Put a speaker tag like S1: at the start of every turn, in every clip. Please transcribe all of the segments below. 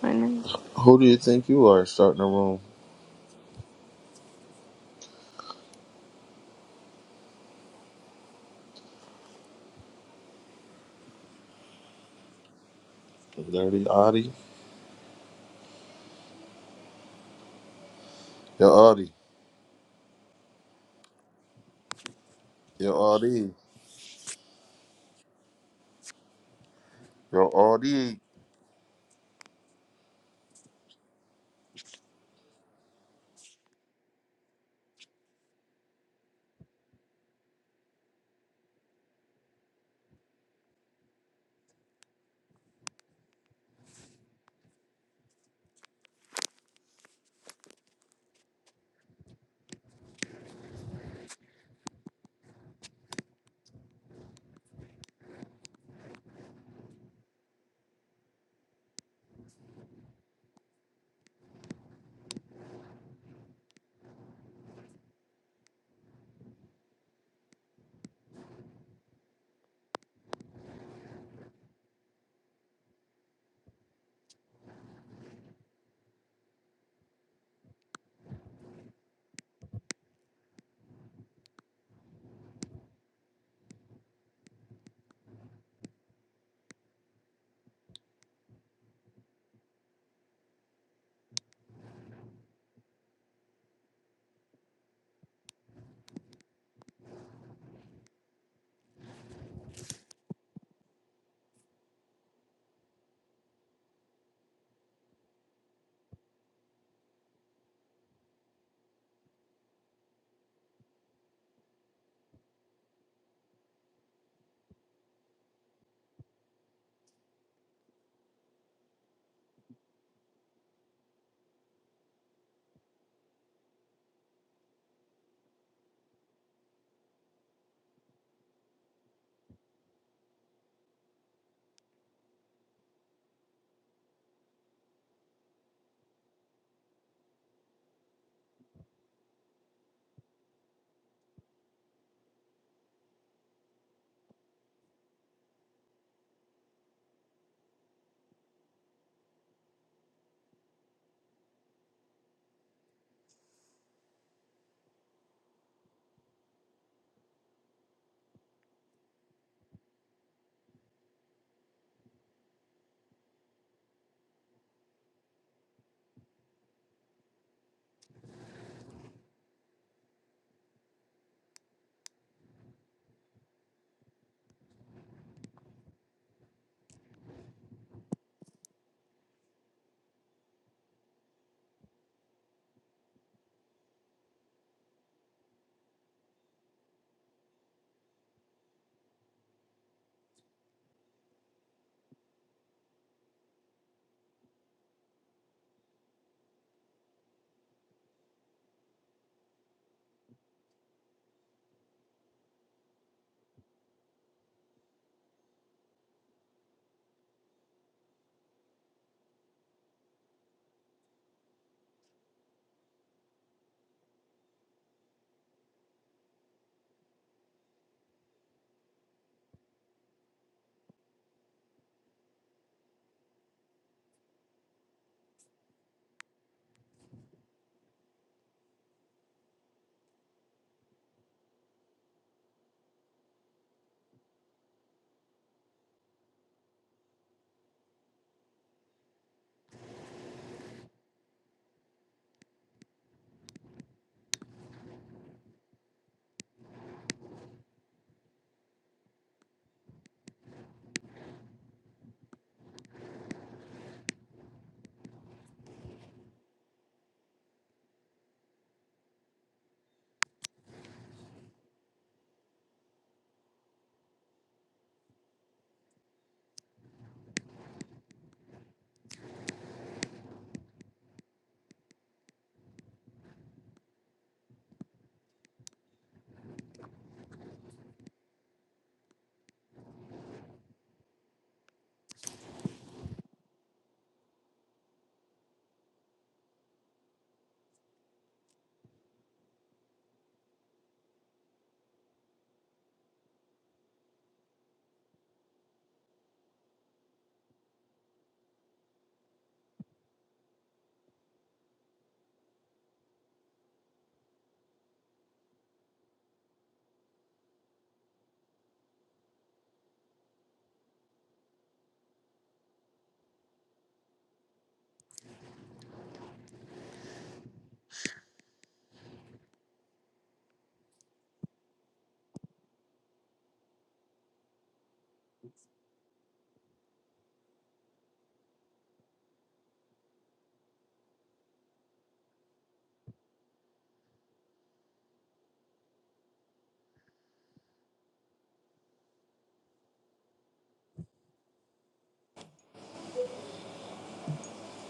S1: Morning.
S2: Who do you think you are starting the room? Dirty Audie? Yo, Audie. Yo, Audie. Yo, Audie.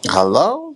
S2: Hello?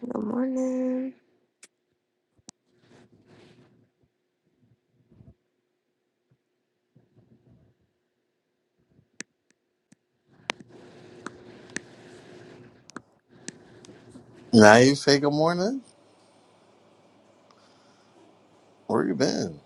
S1: Good morning.
S2: Now you say good morning? Where you been?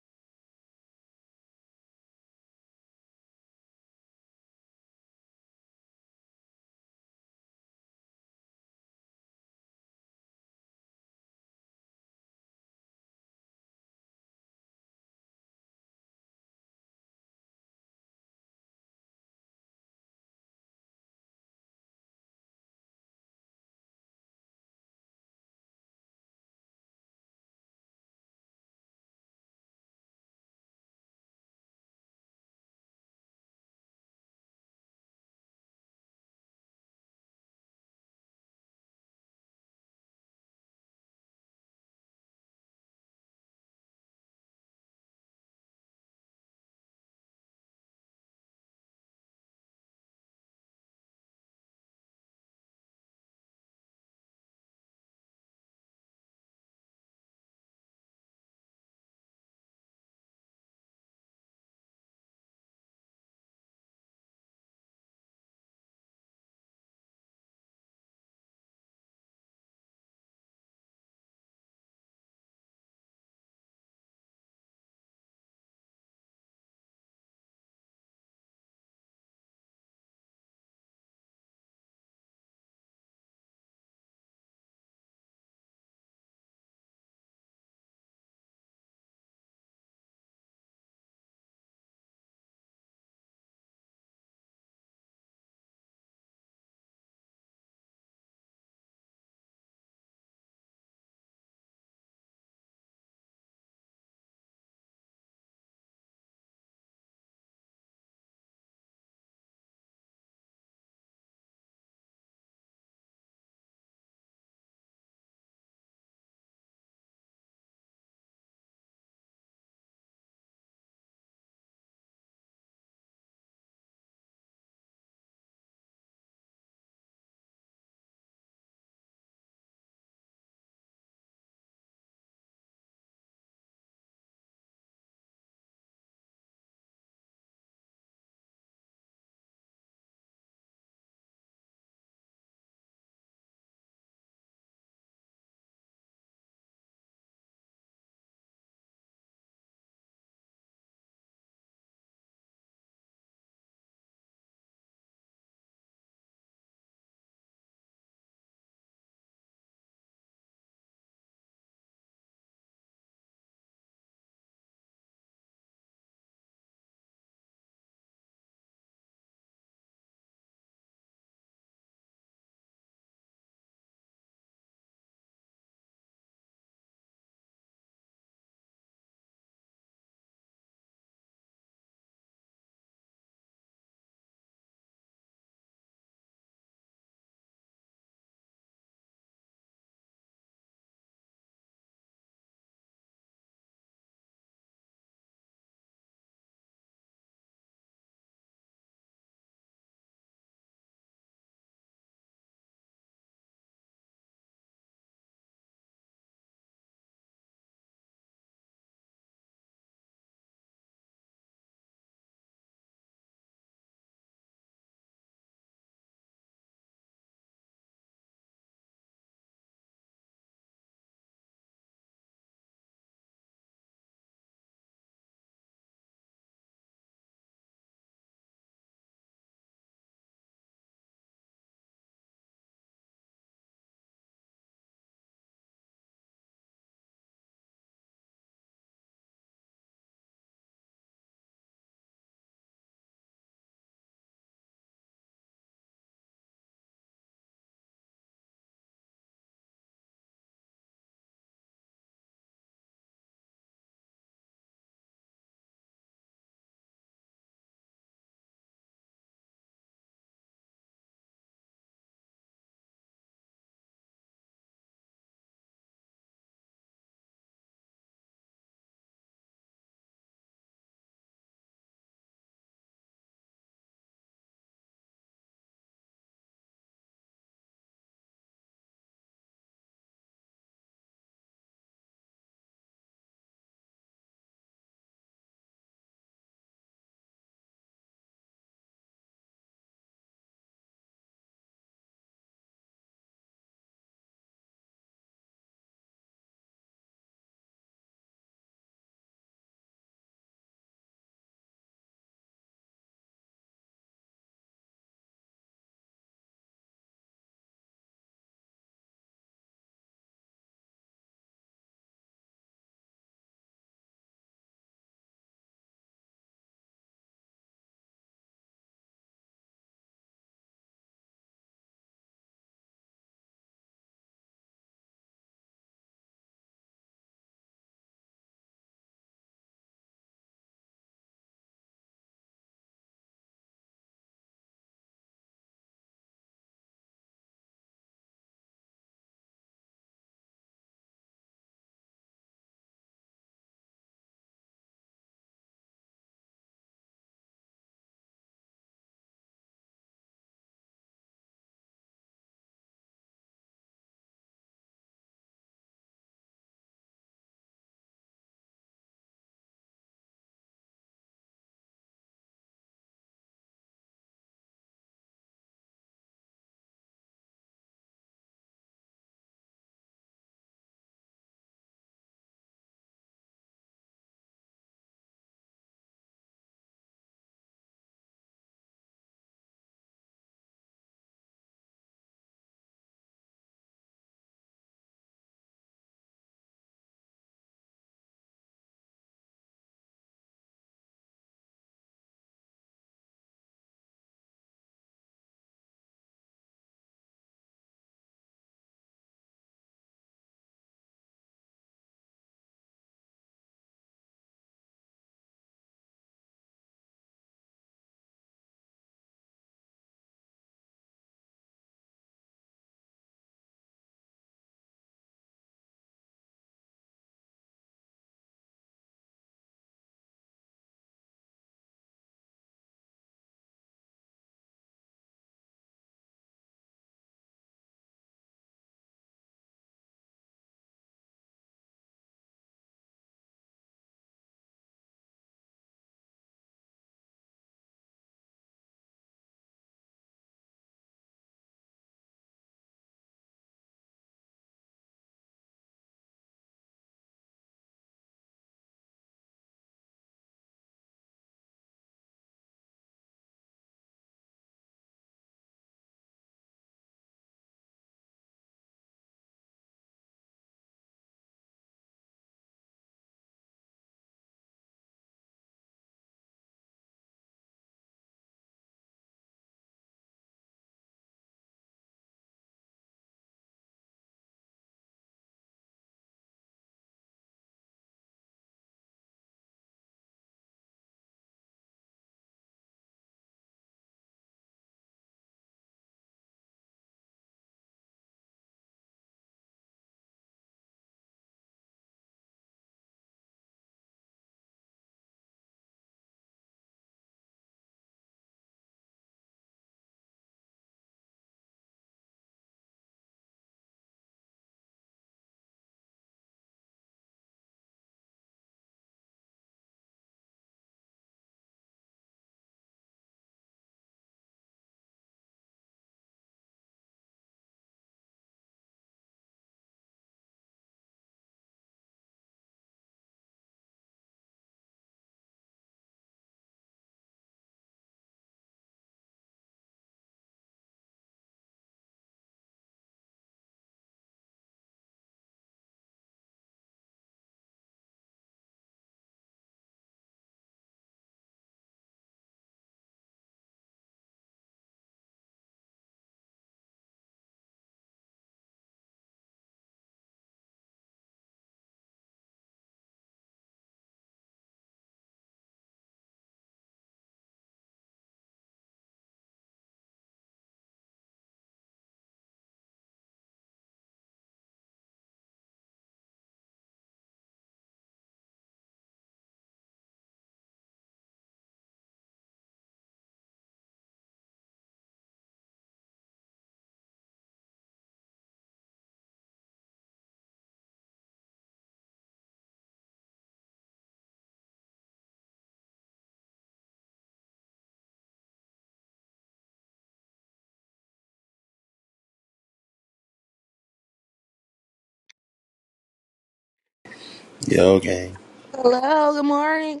S2: Yo, gang.
S3: Hello, good morning.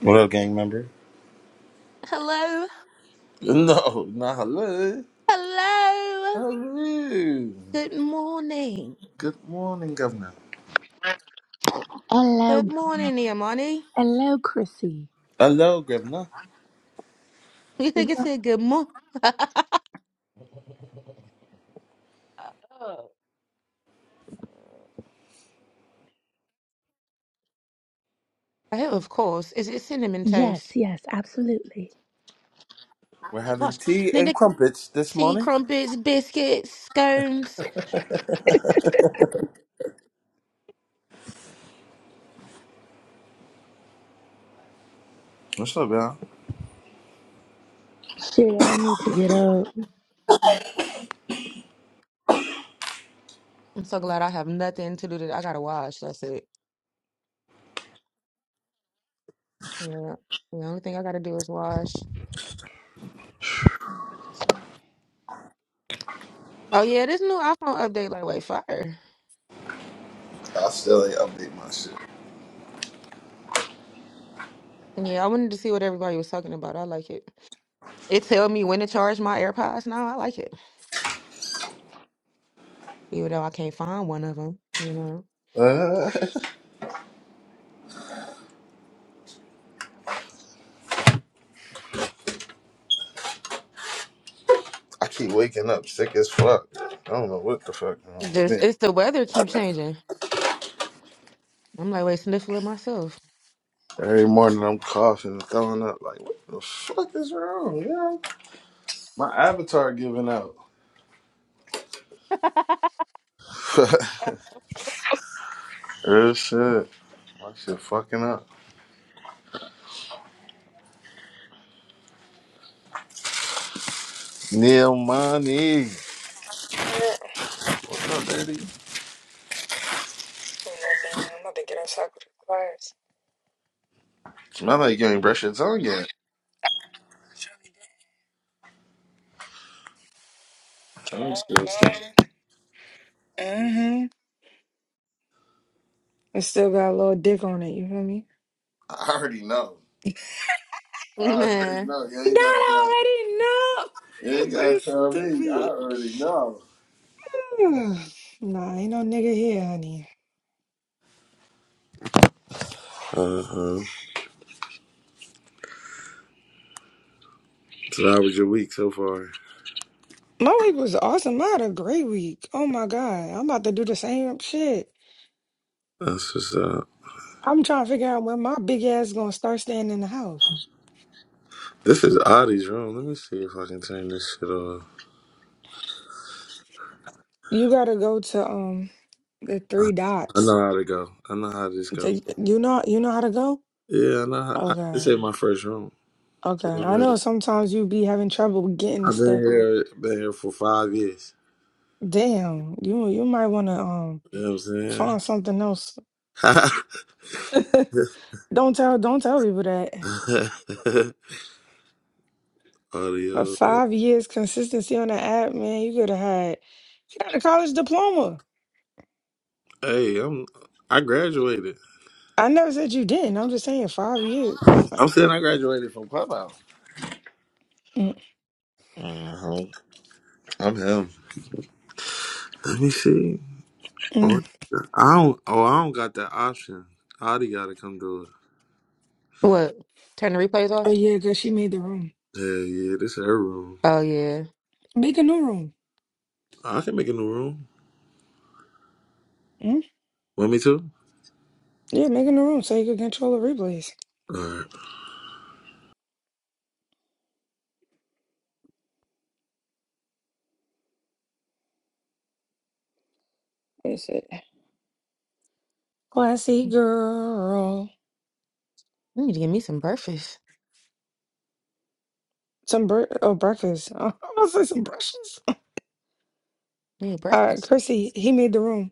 S2: What up, gang member?
S3: Hello,
S2: No, not hello.
S3: hello.
S2: Hello.
S3: Good morning.
S2: Good morning, Governor.
S4: Hello,
S3: Good morning, Neomani.
S4: hello, Chrissy.
S2: Hello, Governor.
S3: You
S4: Would
S3: think
S4: you
S3: it
S4: like-
S3: said good morning? Oh. I of course. Is it cinnamon
S4: Yes,
S3: toast?
S4: yes, absolutely.
S2: We're
S3: My
S2: having
S3: gosh.
S2: tea
S3: And
S2: and
S3: then the
S2: crumpets this
S3: tea,
S2: morning.
S3: crumpets, biscuits, scones.
S2: What's up, y'all?
S4: Shit, I need to get up.
S3: I'm so glad I have nothing to do today. I gotta wash. That's it. Yeah. The only thing I gotta do is wash. Oh yeah, this new iPhone update like wait fire.
S2: I still ain't update my shit.
S3: Yeah, I wanted to see what everybody was talking about. I like it. It tell me when to charge my AirPods now. I like it. even though I can't find one of them. You know,
S2: Uh, I keep waking up sick as fuck. I don't know what the fuck. wrong with
S3: just
S2: me.
S3: it's the weather keep changing. I'm like, wait, sniffle it myself.
S2: Every morning I'm coughing and throwing up. Like, what the fuck is wrong, yo? My avatar giving out. Real shit. My shit fucking up. Neil Money. What's up, baby?
S4: I'm about to get outside for the class.
S2: Smell like you ain't brushed your tongue yet. Tongue still stinks.
S4: No, no. Mm-hmm. It still got a little dick on it, you feel me?
S2: I already know. I already
S3: Man,
S2: know. You ain't gotta
S4: Not
S2: tell me.
S4: already, no!
S2: You ain't
S4: I'm
S2: gotta
S4: very
S2: tell me. I
S4: stupid.
S2: already know.
S4: Ugh. nah, ain't no nigga here, honey.
S2: Uh huh. So how was your week so far?
S4: My week was awesome. I had a great week. Oh my god. I'm about to do the same shit.
S2: That's what's up.
S4: I'm trying to figure out when my big ass gonna start staying in the house.
S2: This is Adi's room. Let me see if I can turn this shit off.
S4: You gotta go to um the
S2: I
S4: three
S2: I
S4: dots.
S2: know how to go. I know how this go.
S4: To, you know you know how to go?
S2: Yeah, I know. How, I, this
S4: Okay.
S2: ain't my first room.
S4: Okay.
S2: You know
S4: I
S2: what I
S4: know
S2: mean?
S4: sometimes you be having trouble with getting the
S2: I've been
S4: stuff.
S2: here, been here for five years.
S4: Damn, you you might wanna um
S2: You know what
S4: find something else.
S2: I'm saying?
S4: don't tell don't tell people that. But
S2: Audio.
S4: five years consistency on the app, man, you could have had you got a college diploma.
S2: Hey, I'm. I graduated.
S4: I never said you didn't. I'm just saying five years. Like,
S2: I'm saying I graduated from Clubhouse.
S4: mm,
S2: Uh-huh. I'm him. Let me see. Oh,
S4: mm.
S2: I don't. Oh, I don't got that option. Audie got to come do it.
S3: what? Turn the replays
S4: Oh
S3: off.
S4: yeah, cause she made the room.
S2: Yeah, yeah. This is her room.
S3: Oh yeah,
S4: Make a new room.
S2: I can make a new room.
S4: Mm?
S2: Want me to?
S4: Yeah, make a new room so you can control the replays.
S2: All right.
S4: That's it. Classy girl.
S3: I need to get me some breakfast.
S4: Some bre- oh breakfast. I was gonna say some brushes.
S3: I need
S4: All right,
S3: breakfast.
S4: Chrissy, he made the room.